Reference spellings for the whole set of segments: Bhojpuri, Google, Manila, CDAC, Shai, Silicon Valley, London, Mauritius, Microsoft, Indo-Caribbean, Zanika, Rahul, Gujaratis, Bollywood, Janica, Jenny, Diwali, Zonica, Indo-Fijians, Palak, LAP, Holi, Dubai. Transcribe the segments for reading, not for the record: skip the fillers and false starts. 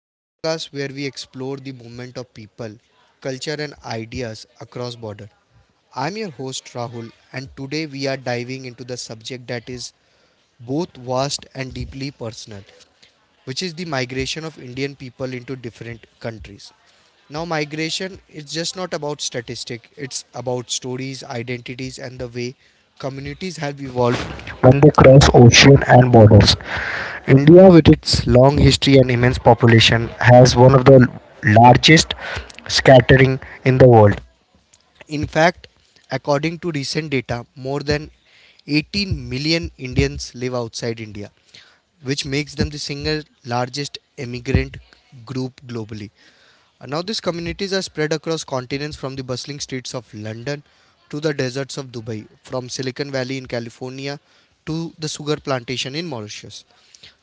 the podcast where we explore the movement of people, culture, and ideas across border. I'm your host Rahul, and today we are diving into the subject that is both vast and deeply personal, which is the migration of Indian people into different countries. Now, migration is just not about statistics. It's about stories, identities, and the way communities have evolved when they cross ocean and borders. India, with its long history and immense population, has one of the largest scattering in the world. In fact, according to recent data, more than 18 million Indians live outside India, which makes them the single largest immigrant group globally. Now these communities are spread across continents, from the bustling streets of London to the deserts of Dubai, from Silicon Valley in California to the sugar plantation in Mauritius.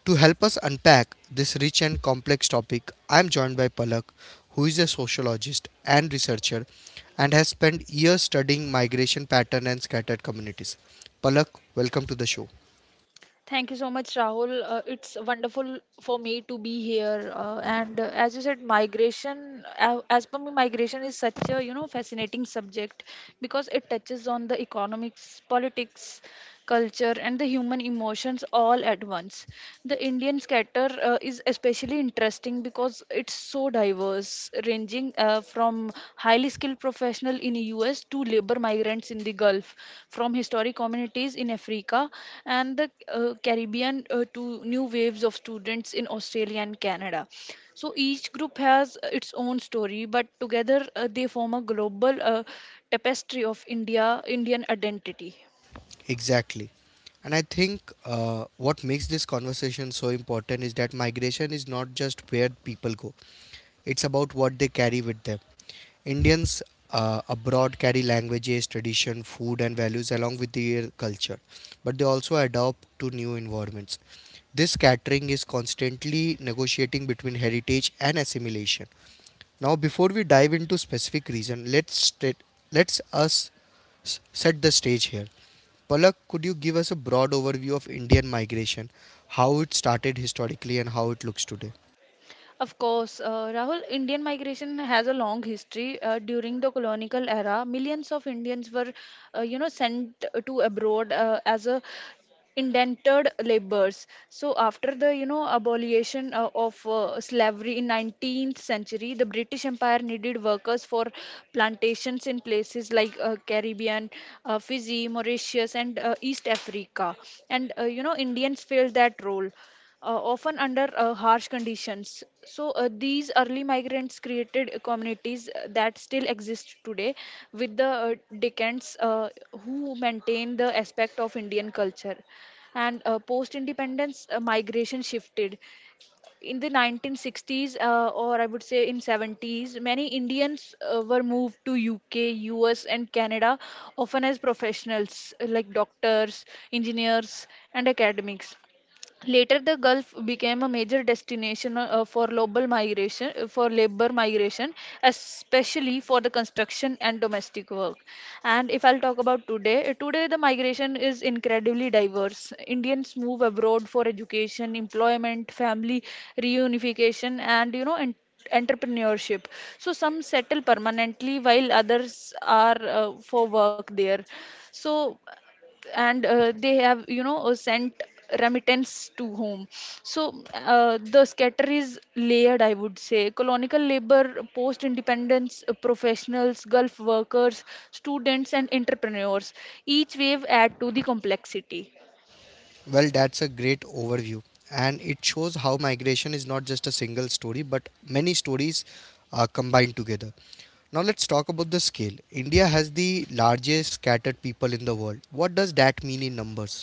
To help us unpack this rich and complex topic, I am joined by Palak, who is a sociologist and researcher and has spent years studying migration pattern and scattered communities. Palak, welcome to the show. Thank you so much, Rahul. It's wonderful for me to be here. And As you said, migration, as per me, migration is such a fascinating subject because it touches on the economics, politics, culture, and the human emotions all at once. The Indian scatter is especially interesting because it's so diverse, ranging from highly skilled professional in US to labor migrants in the Gulf, from historic communities in Africa and the Caribbean to new waves of students in Australia and Canada. So each group has its own story, but together they form a global tapestry of Indian identity. Exactly. And I think what makes this conversation so important is that migration is not just where people go, it's about what they carry with them. Indians abroad carry languages, tradition, food, and values along with their culture, but they also adapt to new environments. This scattering is constantly negotiating between heritage and assimilation. Now, before we dive into specific reason, let's set the stage here. Palak, could you give us a broad overview of Indian migration, how it started historically and how it looks today? Of course, Rahul, Indian migration has a long history. During the colonial era, millions of Indians were sent to abroad as a indentured laborers. So after the, abolition of slavery in 19th century, the British Empire needed workers for plantations in places like Caribbean, Fiji, Mauritius, and East Africa. And Indians filled that role, often under harsh conditions. So, these early migrants created communities that still exist today, with the Deccans, who maintain the aspect of Indian culture. And post independence, migration shifted. In the 1960s, or I would say in 70s, many Indians were moved to UK, US, and Canada, often as professionals like doctors, engineers, and academics. Later, the Gulf became a major destination for global migration, for labor migration, especially for the construction and domestic work. And if I'll talk about today, today the migration is incredibly diverse. Indians move abroad for education, employment, family reunification, and entrepreneurship. So some settle permanently, while others are for work there. So and they have sent remittance to home. So the scatter is layered, I would say: colonial labor, post independence professionals, gulf workers, students, and entrepreneurs. Each wave add to the complexity. Well, that's a great overview, and it shows how migration is not just a single story but many stories are combined together. Now, let's talk about the scale. India has the largest scattered people in the world. What does that mean in numbers?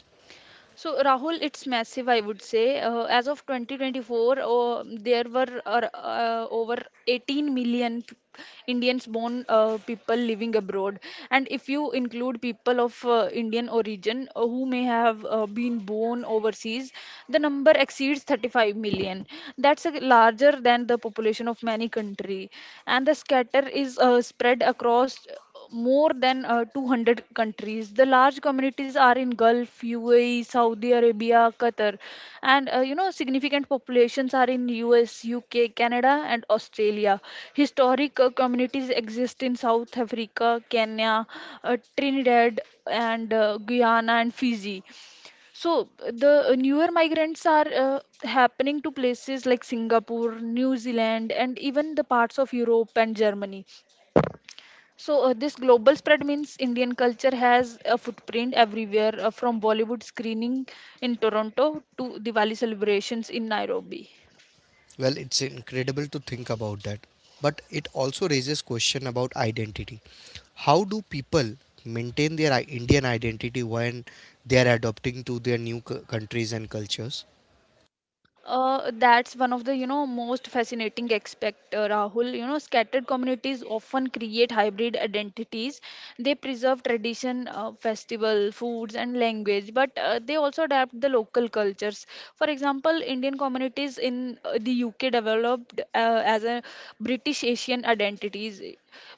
So, Rahul, it's massive, I would say. As of 2024, there were over 18 million Indians born, people living abroad. And if you include people of Indian origin, who may have been born overseas, the number exceeds 35 million. That's a larger than the population of many country. And the scatter is spread across more than 200 countries. The large communities are in Gulf, UAE, Saudi Arabia, Qatar, and significant populations are in US, UK, Canada, and Australia. Historic communities exist in South Africa, Kenya, Trinidad, and Guyana and Fiji. So the newer migrants are happening to places like Singapore, New Zealand, and even the parts of Europe and Germany. So, this global spread means Indian culture has a footprint everywhere, from Bollywood screening in Toronto to Diwali celebrations in Nairobi. Well, it's incredible to think about that, but it also raises question about identity. How do people maintain their Indian identity when they are adopting to their new countries and cultures? That's one of the most fascinating aspect, Rahul. Scattered communities often create hybrid identities. They preserve tradition, festival, foods, and language, but they also adapt the local cultures. For example, Indian communities in the UK developed as a British Asian identities,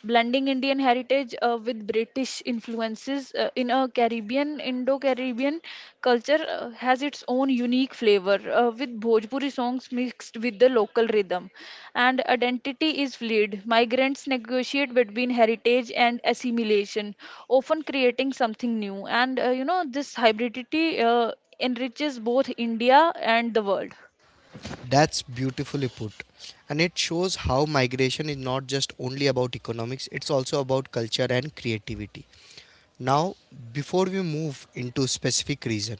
blending Indian heritage with British influences in a Caribbean. Indo Caribbean culture has its own unique flavor, with Bhojpuri songs mixed with the local rhythm. And identity is fluid. Migrants negotiate between heritage and assimilation, often creating something new. And this hybridity enriches both India and the world. That's beautifully put. And it shows how migration is not just only about economics, it's also about culture and creativity. Now, before we move into specific reason,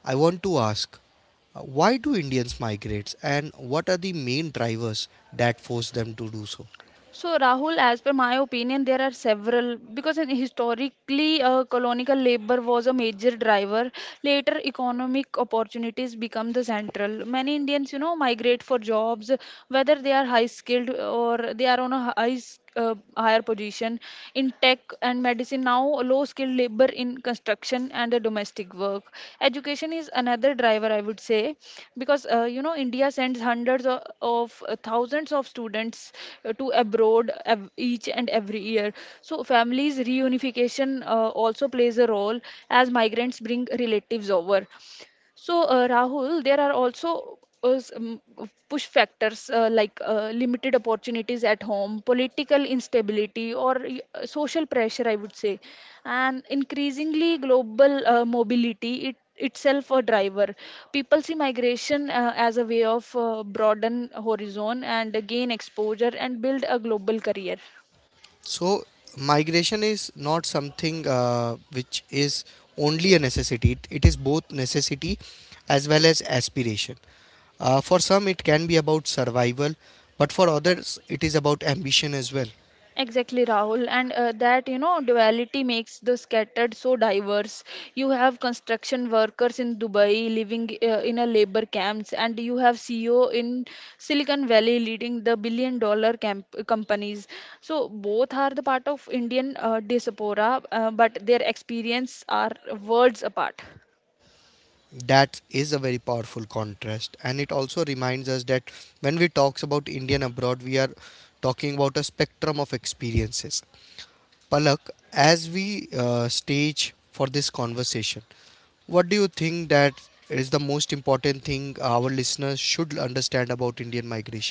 I want to ask why do Indians migrate, and what are the main drivers that force them to do so? So, Rahul, as per my opinion, there are several because in historically, colonial labor was a major driver. Later, economic opportunities become the central. Many Indians, migrate for jobs, whether they are high skilled or they are on a higher position in tech and medicine, now low skilled labor in construction and the domestic work. Education is another driver, I would say, because India sends hundreds of thousands of students to abroad, each and every year. So families reunification also plays a role as migrants bring relatives over. So, Rahul, there are also uh, s- um, push factors like limited opportunities at home, political instability, or social pressure, I would say, and increasingly global mobility. It itself a driver. People see migration as a way of broaden horizon and gain exposure and build a global career. So migration is not something which is only a necessity. It is both necessity as well as aspiration. For some, it can be about survival, but for others, it is about ambition as well. Exactly, Rahul, and that duality makes the scattered so diverse. You have construction workers in Dubai living in a labor camps, and you have CEO in Silicon Valley leading the billion-dollar companies. So both are the part of Indian diaspora, but their experience are worlds apart. That is a very powerful contrast, and it also reminds us that when we talk about Indian abroad, we are talking about a spectrum of experiences. Palak, as we stage for this conversation, what do you think that is the most important thing our listeners should understand about Indian migration?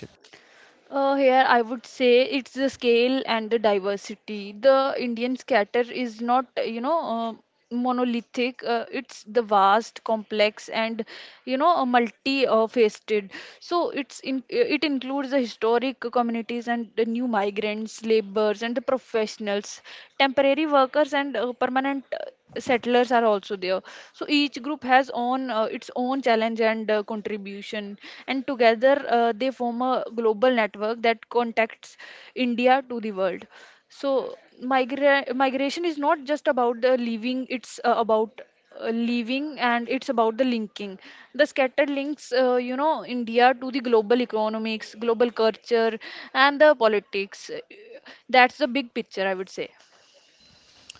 Here I would say it's the scale and the diversity. The Indian scatter is not, monolithic. It's the vast, complex, and multi-faceted. So it includes the historic communities and the new migrants, laborers, and the professionals. Temporary workers and permanent settlers are also there. So each group has own its own challenge and contribution, and together they form a global network that contacts India to the world. So migration is not just about the leaving; it's about leaving and it's about the linking. The scattered links, India to the global economics, global culture, and the politics. That's the big picture, I would say.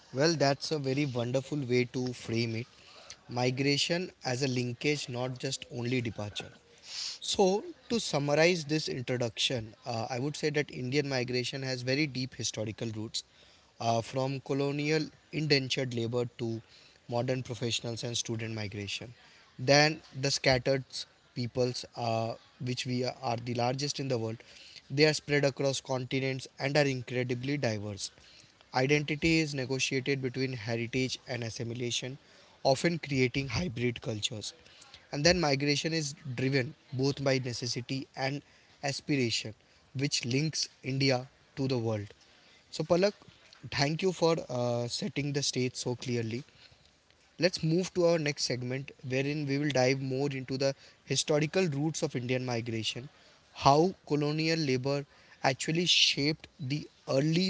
Well, that's a very wonderful way to frame it. Migration as a linkage, not just only departure. So, to summarize this introduction, I would say that Indian migration has very deep historical roots, from colonial indentured labor to modern professionals and student migration. Then the scattered peoples, which we are the largest in the world, they are spread across continents and are incredibly diverse. Identity is negotiated between heritage and assimilation, often creating hybrid cultures. And then migration is driven both by necessity and aspiration, which links India to the world. So, Palak, thank you for setting the stage so clearly. Let's move to our next segment, wherein we will dive more into the historical roots of Indian migration, how colonial labor actually shaped the early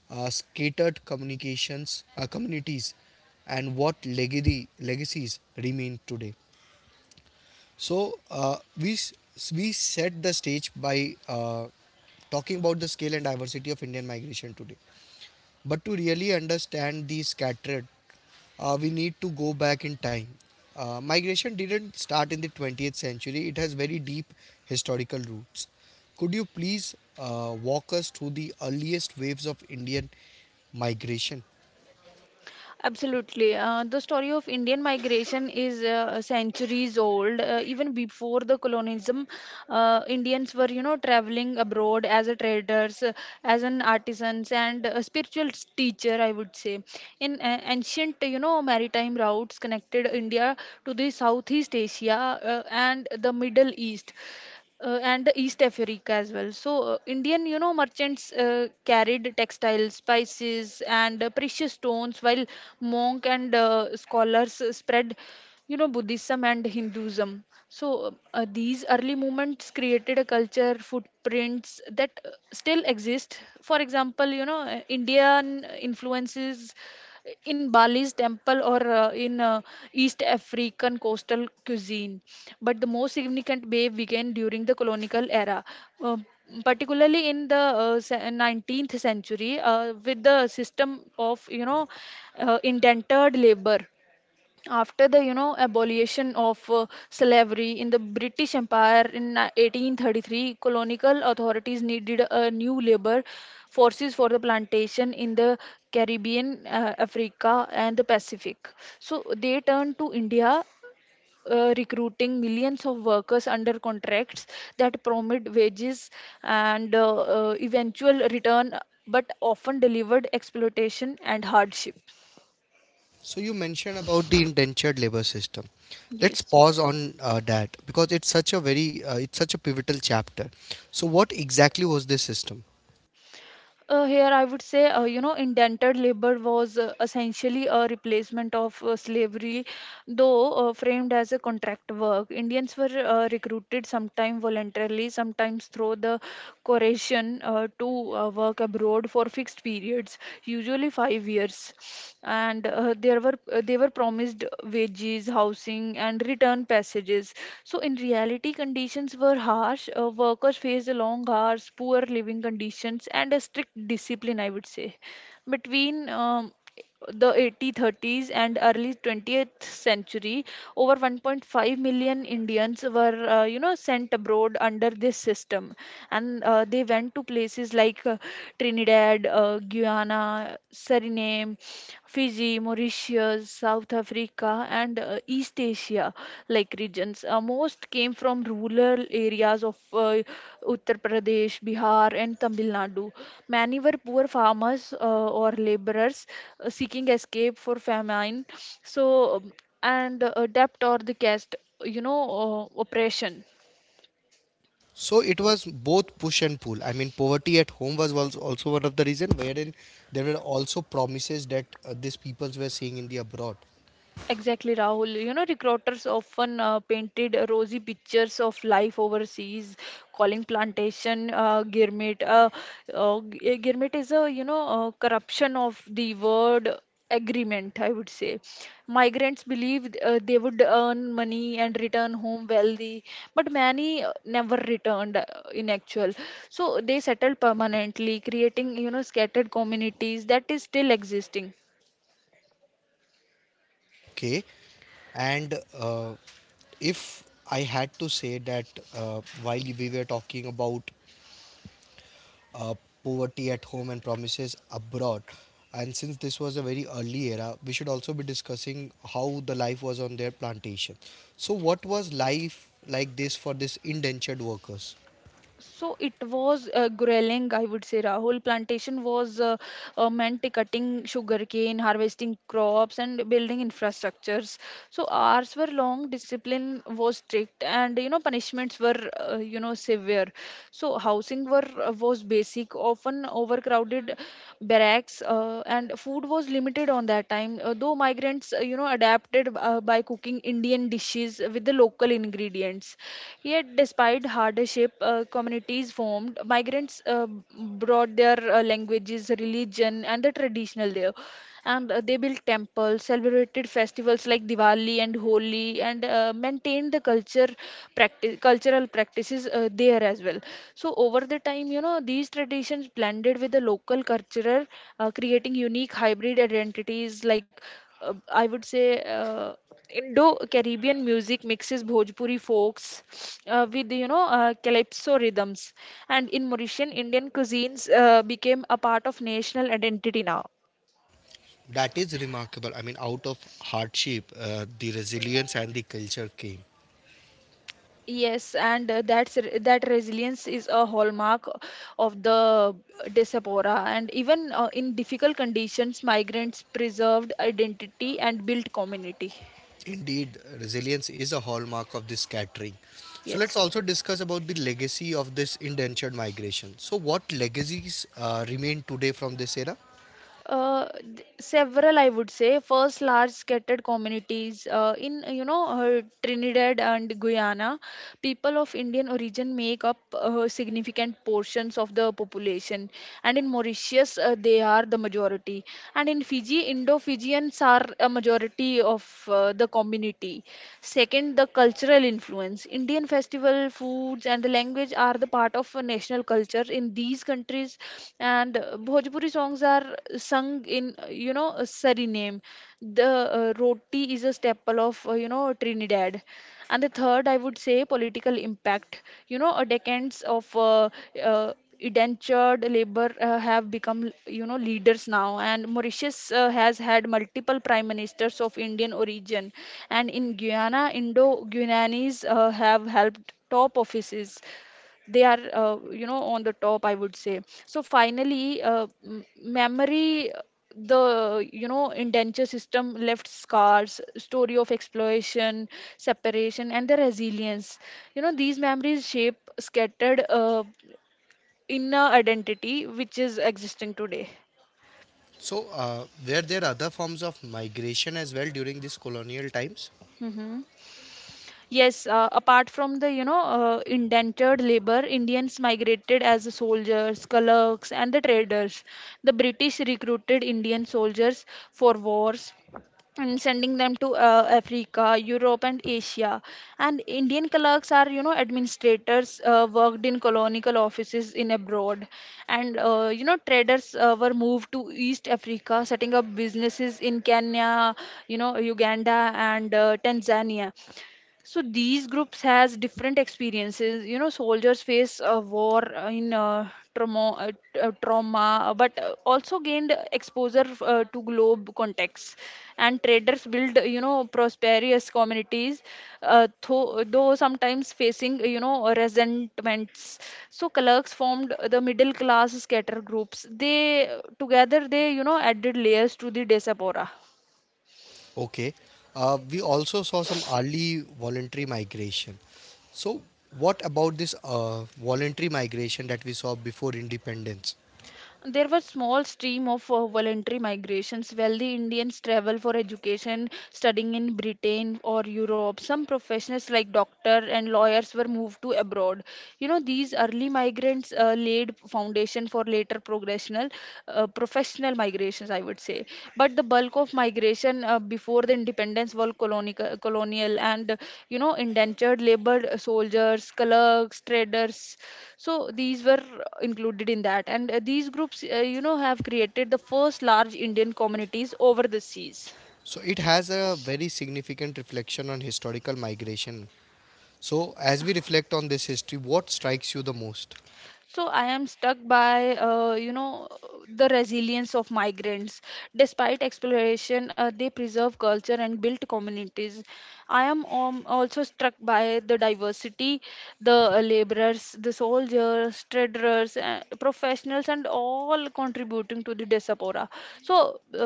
scattered communications communities, and what legacy legacies remain today. So, we set the stage by talking about the scale and diversity of Indian migration today. But to really understand these scattered, we need to go back in time. Migration didn't start in the 20th century, it has very deep historical roots. Could you please walk us through the earliest waves of Indian migration? Absolutely. The story of Indian migration is centuries old. Even before the colonialism, Indians were, traveling abroad as a traders, as an artisans, and a spiritual teacher, I would say. In ancient, maritime routes connected India to the Southeast Asia and the Middle East and the East Africa as well. So, Indian, merchants carried textiles, spices, and precious stones, while monk and scholars spread, Buddhism and Hinduism. So, these early movements created a culture footprints that still exist. For example, Indian influences in Bali's temple or in East African coastal cuisine. But the most significant wave began during the colonial era, uh, particularly in the 19th century with the system of indented labor after the abolition of slavery in the British Empire in 1833. Colonial authorities needed a new labor forces for the plantation in the Caribbean, Africa, and the Pacific. So they turned to India, recruiting millions of workers under contracts that promised wages and eventual return, but often delivered exploitation and hardship. So, you mentioned about the indentured labor system. Let's Yes. pause on that, because it's such a pivotal chapter. So, what exactly was this system? Here, I would say, indented labor was essentially a replacement of slavery, though framed as a contract work. Indians were recruited sometimes voluntarily, sometimes through the coercion, to work abroad for fixed periods, usually 5 years. And there were they were promised wages, housing, and return passages. So, in reality, conditions were harsh. Workers faced long hours, poor living conditions, and a strict discipline, I would say. Between the 1830s and early 20th century, over 1.5 million Indians were sent abroad under this system, and they went to places like Trinidad, Guyana, Suriname, Fiji, Mauritius, South Africa, and East Asia like regions. Most came from rural areas of Uttar Pradesh, Bihar, and Tamil Nadu. Many were poor farmers or laborers, seeking escape for famine, so um, and debt or the caste, you know, oppression. So it was both push and pull. I mean, poverty at home was also one of the reason wherein there were also promises that these peoples were seeing in the abroad. Exactly, Rahul. Recruiters often painted rosy pictures of life overseas, calling plantation gourmet. Gourmet is a, corruption of the word agreement, I would say. Migrants believed they would earn money and return home wealthy, but many never returned in actual. So they settled permanently, creating, scattered communities that is still existing. Okay, and if I had to say that, while we were talking about uh, poverty at home and promises abroad, and since this was a very early era, we should also be discussing how the life was on their plantation. So, what was life like this for these indentured workers? So it was grueling, I would say, Rahul. Plantation was meant cutting sugarcane, harvesting crops, and building infrastructures. So hours were long, discipline was strict, and punishments were severe. So housing were was basic, often overcrowded barracks, and food was limited on that time, though migrants, adapted by cooking Indian dishes with the local ingredients. Yet despite hardship, communities formed. Migrants brought their languages, religion, and the traditional there, and they built temples, celebrated festivals like Diwali and Holi, and maintained the cultural practices there as well. So over the time, these traditions blended with the local culture, creating unique hybrid identities like, I would say. Indo-Caribbean music mixes Bhojpuri folks with calypso rhythms, and in Mauritian, Indian cuisines became a part of national identity now. That is remarkable. I mean, out of hardship, the resilience and the culture came. Yes, and that resilience is a hallmark of the diaspora. And even in difficult conditions, migrants preserved identity and built community. Indeed, resilience is a hallmark of this catering. So let's also Yes. discuss about the legacy of this indentured migration. So, what legacies remain today from this era? Several, I would say. First, large scattered communities in, Trinidad and Guyana, people of Indian origin make up significant portions of the population, and in Mauritius they are the majority, and in Fiji. Fiji, Indo-Fijians are a majority of the community. Second, the cultural influence. Indian festival, foods, and the language are the part of a national culture in these countries. And Bhojpuri songs are sung in, Suriname. The roti is a staple of, Trinidad. And the third, I would say, political impact. You know, a decades of uh, indentured labor have become, leaders now. And Mauritius has had multiple prime ministers of Indian origin. And in Guyana, indo guyanese have helped top offices. They are, on the top, I would say. So finally, memory, the, indenture system left scars, story of exploration, separation and the resilience. You know, these memories shape scattered inner identity which is existing today. So, were there other forms of migration as well during these colonial times? Hmm. Yes, apart from the, indentured labor, Indians migrated as soldiers, clerks, and the traders. The British recruited Indian soldiers for wars and sending them to Africa, Europe, and Asia. And Indian clerks are, administrators, worked in colonial offices in abroad, and traders were moved to East Africa, setting up businesses in Kenya, Uganda, and Tanzania. So these groups has different experiences. You know, soldiers face war, trauma, but also gained exposure to globe contexts. And traders build, prosperous communities, though sometimes facing, resentments. So clerks formed the middle class scatter groups. They, together, they added layers to the diaspora. Okay. We also saw some early voluntary migration. So, what about this voluntary migration that we saw before independence? There was small stream of voluntary migrations. Wealthy Indians travel for education, studying in Britain or Europe. Some professionals like doctor and lawyers were moved to abroad. These early migrants laid foundation for later, professional migrations, I would say. But the bulk of migration before the independence was colonial and, indentured labor soldiers, clerks, traders, so these were included in that. And these groups, have created the first large Indian communities over the seas. So it has a very significant reflection on historical migration. So as we reflect on this history, what strikes you the most? So I am stuck by, the resilience of migrants despite exploration. They preserve culture and built communities. I am also struck by the diversity, the laborers, the soldiers, traders, caterers, professionals, and all contributing to the diaspora. So,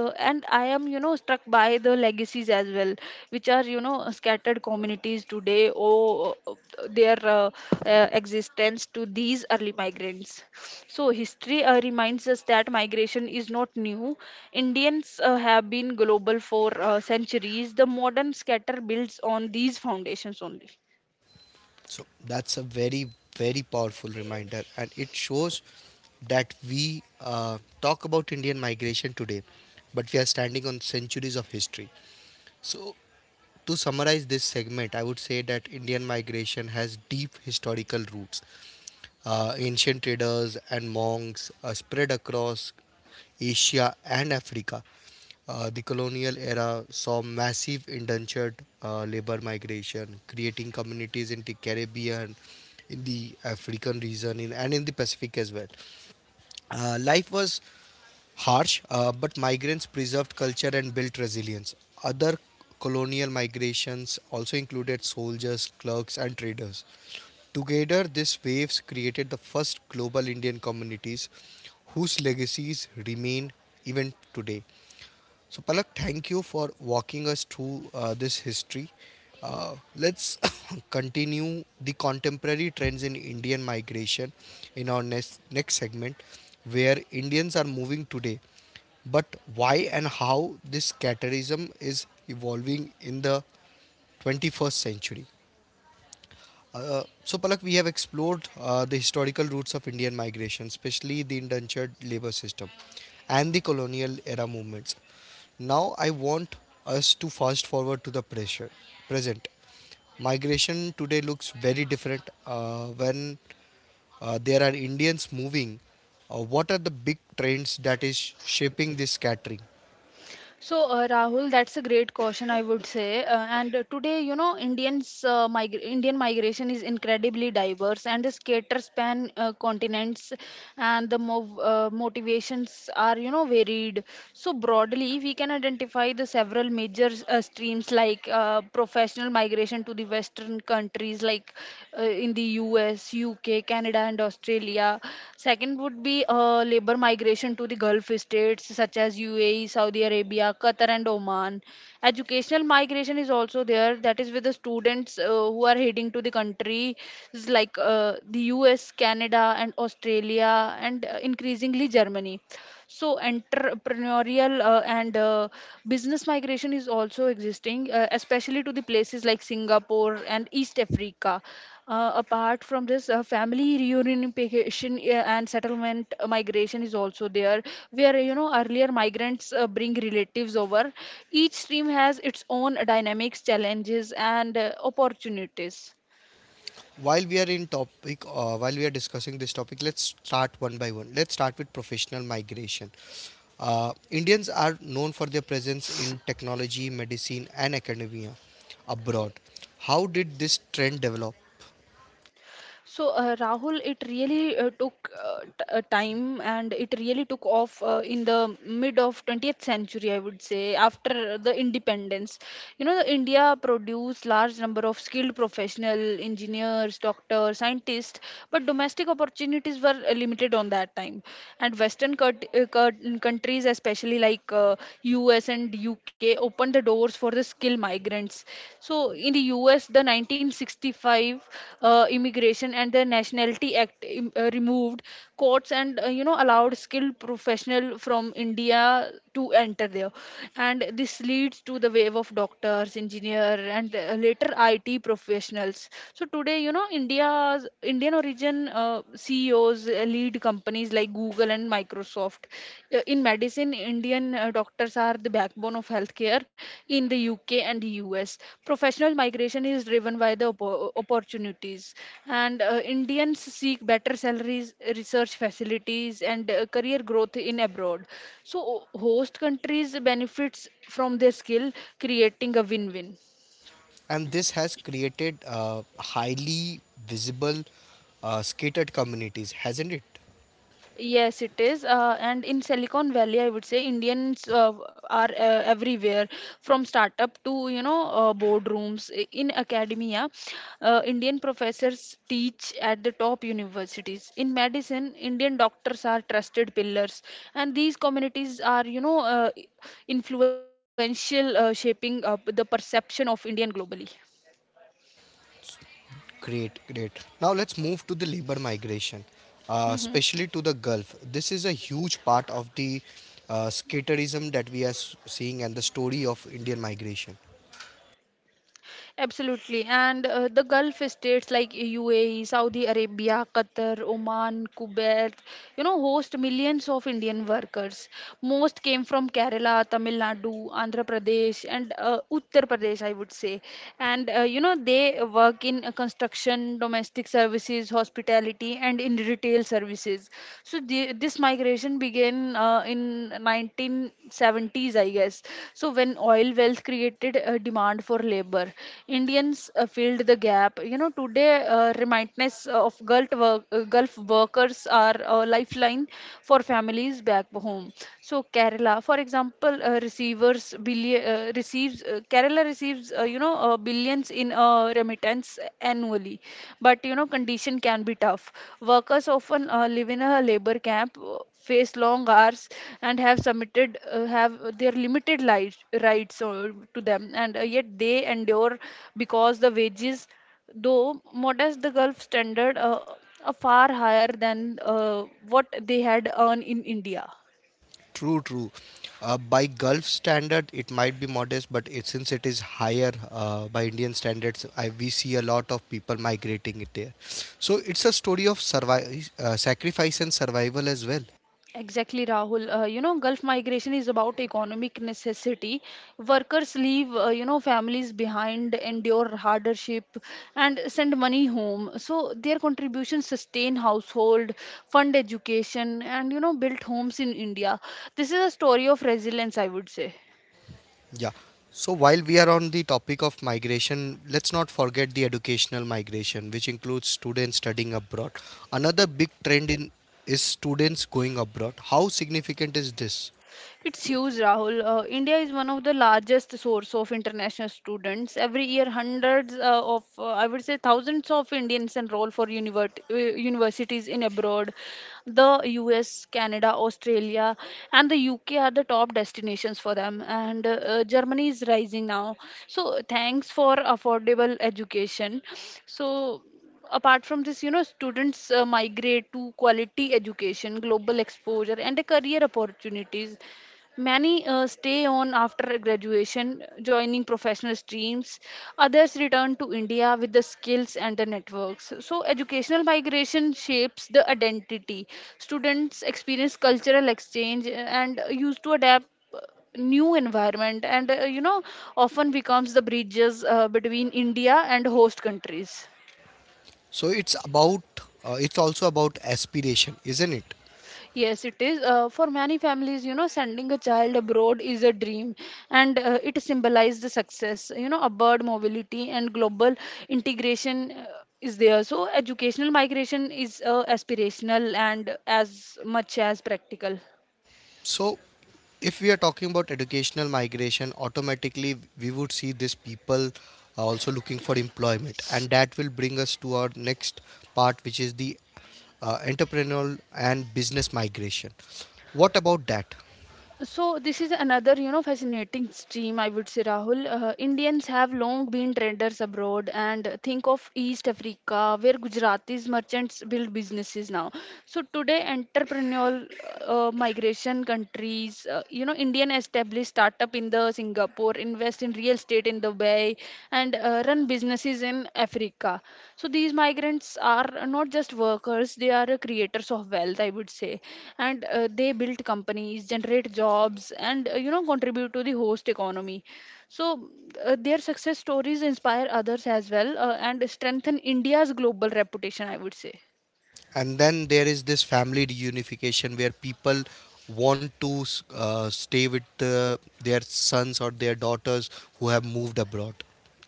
and I am, struck by the legacies as well, which are, scattered communities today owe their existence to these early migrants. So, history reminds us that migration is not new. Indians have been global for centuries. The modern scatter builds on these foundations only. So that's a very, very powerful reminder, and it shows that we talk about Indian migration today, but we are standing on centuries of history. So, to summarize this segment, I would say that Indian migration has deep historical roots. Ancient traders and monks spread across Asia and Africa. The colonial era saw massive indentured labor migration, creating communities in the Caribbean, in the African region, and in the Pacific as well. Life was harsh, but migrants preserved culture and built resilience. Other colonial migrations also included soldiers, clerks, and traders. Together, these waves created the first global Indian communities whose legacies remain even today. So, Palak, thank you for walking us through this history. Let's continue the contemporary trends in Indian migration in our next segment, where Indians are moving today, but why and how this caterism is evolving in the 21st century. So, Palak, we have explored the historical roots of Indian migration, especially the indentured labor system and the colonial era movements. Now, I want us to fast forward to the present. Migration today looks very different, when there are Indians moving. What are the big trends that is shaping this scattering? So, Rahul, that's a great question, I would say. And today, Indian migration is incredibly diverse, and this caters span continents, and the motivations are, varied. So, broadly, we can identify the several major streams like professional migration to the Western countries, like in the US, UK, Canada, and Australia. Second would be labor migration to the Gulf states such as UAE, Saudi Arabia, Qatar, and Oman. Educational migration is also there, that is with the students who are heading to the countries like, the US, Canada, and Australia, and increasingly Germany. So entrepreneurial and business migration is also existing, especially to the places like Singapore and East Africa. Apart from this, family reunification and settlement migration is also there, where earlier migrants bring relatives over. Each stream has its own dynamics, challenges and opportunities. While we are discussing this topic, let's start one by one. Let's start with professional migration. Indians are known for their presence in technology, medicine, and academia abroad. How did this trend develop? So, Rahul, it really took time, and it really took off in the mid of 20th century, I would say, after the independence. You know, the India produced large number of skilled professional engineers, doctors, scientists, but domestic opportunities were limited on that time. And Western countries, especially like, US and UK, they opened the doors for the skilled migrants. So in the US, the 1965 Immigration and the Nationality Act removed courts and allowed skilled professional from India to enter there, and this leads to the wave of doctors, engineer, and later IT professionals. So today, India's Indian origin CEOs those lead companies like Google and Microsoft. In medicine, Indian doctors are the backbone of healthcare in the UK and the US. Professional migration is driven by the opportunities, and Indians seek better salaries, research facilities, and career growth in abroad. So, host countries benefits from their skill, creating a win-win. And this has created highly visible, scattered communities, hasn't it? Yes, it is. And in Silicon Valley, I would say Indians are everywhere, from startup to boardrooms. In academia, Indian professors teach at the top universities. In medicine, Indian doctors are trusted pillars, and these communities are, influential, shaping up the perception of Indian globally. Great, great. Now let's move to the labor migration, Hmm. especially to the Gulf. This is a huge part of the skaterism that we are seeing, and the story of Indian migration. Absolutely. And the Gulf states like UAE, Saudi Arabia, Qatar, Oman, Kuwait, host millions of Indian workers. Most came from Kerala, Tamil Nadu, Andhra Pradesh, and Uttar Pradesh, I would say. And, they work in construction, domestic services, hospitality, and in retail services. So, this migration exploration began in 1970s, I guess. So when oil wealth created a demand for labor, Indians filled the gap. You know, today remindness of, Gulf workers are a lifeline for families back home. So Kerala, for example, receivers billion receives Kerala receives, billions in remittance annually, but condition can be tough. Workers often live in a labor camp, face long hours, and have their limited life, rights to them. And yet they endure, because the wages, though modest the Gulf standard, are far higher than what they had earned in India. True, true. By Gulf standard, it might be modest, since it is higher by Indian standards, we see a lot of people migrating it there. So it's a story of survival, sacrifice and survival as well. Exactly, Rahul. Gulf migration is about economic necessity. Workers leave, families behind, endure hardship, and send money home. So their contributions sustain household, fund education, and build homes in India. This is a story of resilience, I would say. Yeah. So while we are on the topic of migration, let's not forget the educational migration, which includes students studying abroad. Another big trend in is students going abroad. How significant is this? It's huge, Rahul. India is one of the largest source of international students. Every year, hundreds of, I would say, thousands of Indians enroll for universities in abroad. The US, Canada, Australia, and the UK are the top destinations for them. And Germany is rising now. So, thanks for affordable education. So, apart from this, students migrate to quality education, global exposure and a career opportunities. Many stay on after graduation, joining professional streams. Others return to India with the skills and the networks. So, educational migration shapes the identity. Students experience cultural exchange and used to adapt uh, new environment, and often becomes the bridges between India and host countries. So it's also about aspiration, isn't it? Yes, it is. For many families, sending a child abroad is a dream, and it symbolizes the success, upward mobility and global integration. Is there so educational migration is aspirational and as much as practical. So, if we are talking about educational migration, automatically we would see these people are also looking for employment, and that will bring us to our next part, which is the entrepreneurial and business migration. What about that? So this is another, fascinating stream, I would say, Rahul. Indians have long been traders abroad, and think of East Africa, where Gujaratis merchants build businesses now. So today, entrepreneurial migration countries, Indian established startup in the Singapore, invest in real estate in Dubai, and run businesses in Africa. So these migrants are not just workers; they are creators of wealth, I would say, and they build companies, generate jobs, and contribute to the host economy. So their success stories inspire others as well, and strengthen India's global reputation, I would say. And then there is this family reunification where people want to stay with their sons or their daughters who have moved abroad.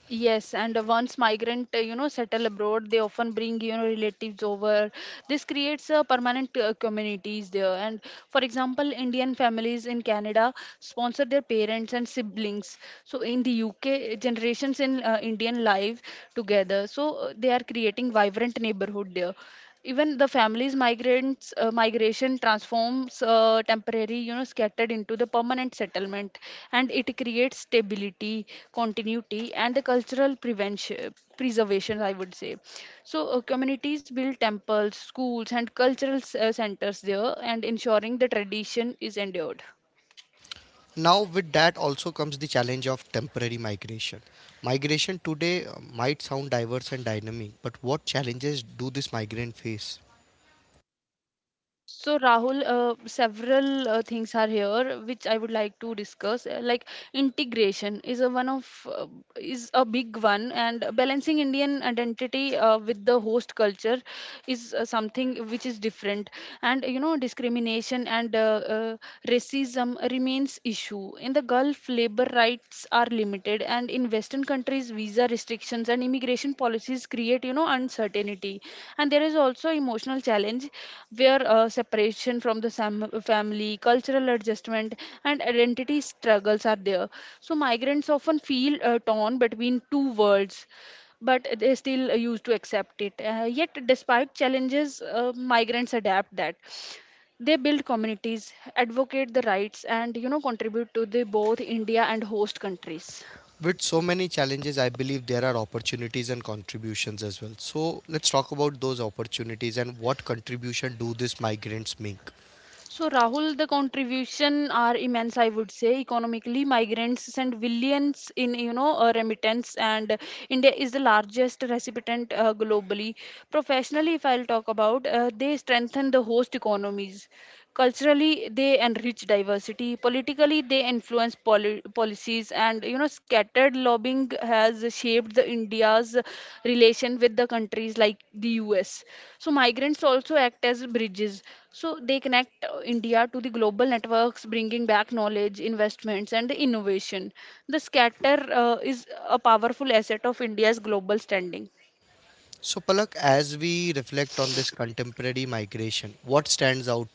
Yes, and once migrant, settle abroad, they often bring, relatives over. This creates permanent communities there. And for example, Indian families in Canada sponsor their parents and siblings. So in the UK, generations in Indian live together. So they are creating vibrant neighborhood there. Even the families migrants migration transforms temporary, scattered into the permanent settlement, and it creates stability, continuity and the cultural prevention preservation, I would say. So communities build temples, schools and cultural centers there, and ensuring the tradition is endured. Now, with that also comes the challenge of temporary migration. Migration today might sound diverse and dynamic, but what challenges do this migrant face? So, Rahul, several things are here which I would like to discuss. Like integration is a big one, and balancing Indian identity with the host culture is something which is different. And discrimination and racism remains issue in the Gulf, labor rights are limited, and in Western countries, visa restrictions and immigration policies create, uncertainty. And there is also emotional challenge, where separation from the family, cultural adjustment, and identity struggles are there. So migrants often feel torn between two worlds, but they still used to accept it. Yet, despite challenges, migrants adapt that they build communities, advocate the rights and contribute to the both India and host countries. With so many challenges, I believe there are opportunities and contributions as well. So, let's talk about those opportunities and what contribution do these migrants make. So Rahul, the contribution are immense, I would say. Economically, migrants send billions in, remittance, and India is the largest recipient globally. Professionally, if I'll talk about, they strengthen the host economies. Culturally, they enrich diversity. Politically, they influence policies, and scattered lobbying has shaped the India's relation with the countries like the US. So migrants also act as bridges. So they connect India to the global networks, bringing back knowledge, investments and innovation. The scatter is a powerful asset of India's global standing. So, Palak, as we reflect on this contemporary migration, what stands out to you?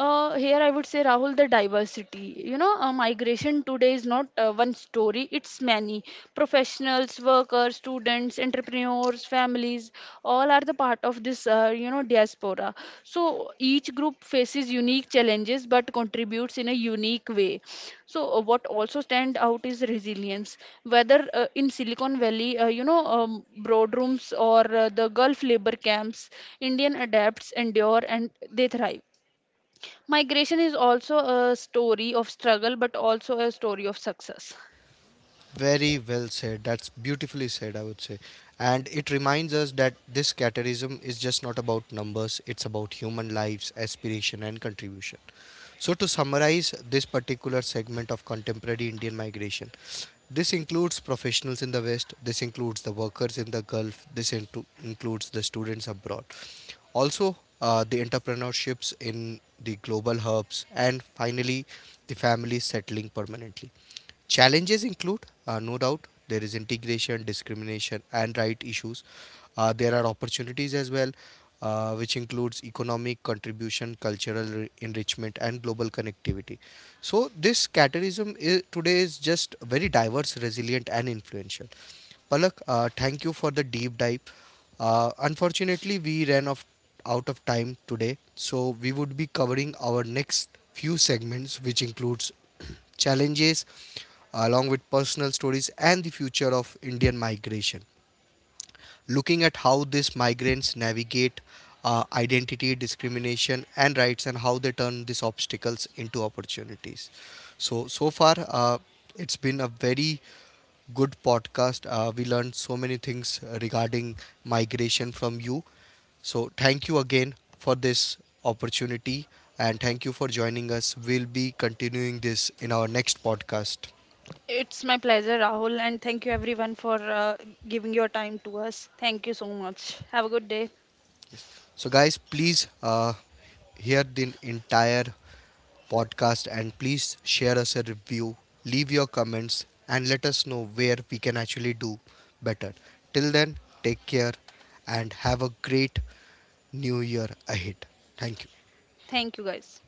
Here I would say, Rahul, the diversity. Migration today is not one story, it's many. Professionals, workers, students, entrepreneurs, families, all are the part of this, diaspora. So each group faces unique challenges but contributes in a unique way. So what also stand out is resilience. Whether in Silicon Valley, boardrooms or the Gulf labor camps, Indian adapts, endure, and they thrive. Migration is also a story of struggle, but also a story of success. Very well said. That's beautifully said, I would say. And it reminds us that this caterism is just not about numbers, it's about human lives, aspiration, and contribution. So, to summarize this particular segment of contemporary Indian migration, this includes professionals in the West, this includes the workers in the Gulf, this into includes the students abroad. Also, the entrepreneurships in the global hubs, and finally, the families settling permanently. Challenges include, no doubt, there is integration, discrimination, and right issues. There are opportunities as well, which includes economic contribution, cultural enrichment, and global connectivity. So this categorism today is just very diverse, resilient, and influential. Palak, thank you for the deep dive. Unfortunately, we ran off out of time today, so we would be covering our next few segments, which includes challenges along with personal stories and the future of Indian migration, looking at how these migrants navigate identity, discrimination, and rights, and how they turn these obstacles into opportunities. So, so far, it's been a very good podcast. We learned so many things regarding migration from you. So, thank you again for this opportunity, and thank you for joining us. We'll be continuing this in our next podcast. It's my pleasure, Rahul, and thank you everyone for giving your time to us. Thank you so much. Have a good day. Yes. So, guys, please hear the entire podcast and please share us a review, leave your comments, and let us know where we can actually do better. Till then, take care and have a great new year ahead. Thank you. Thank you, guys.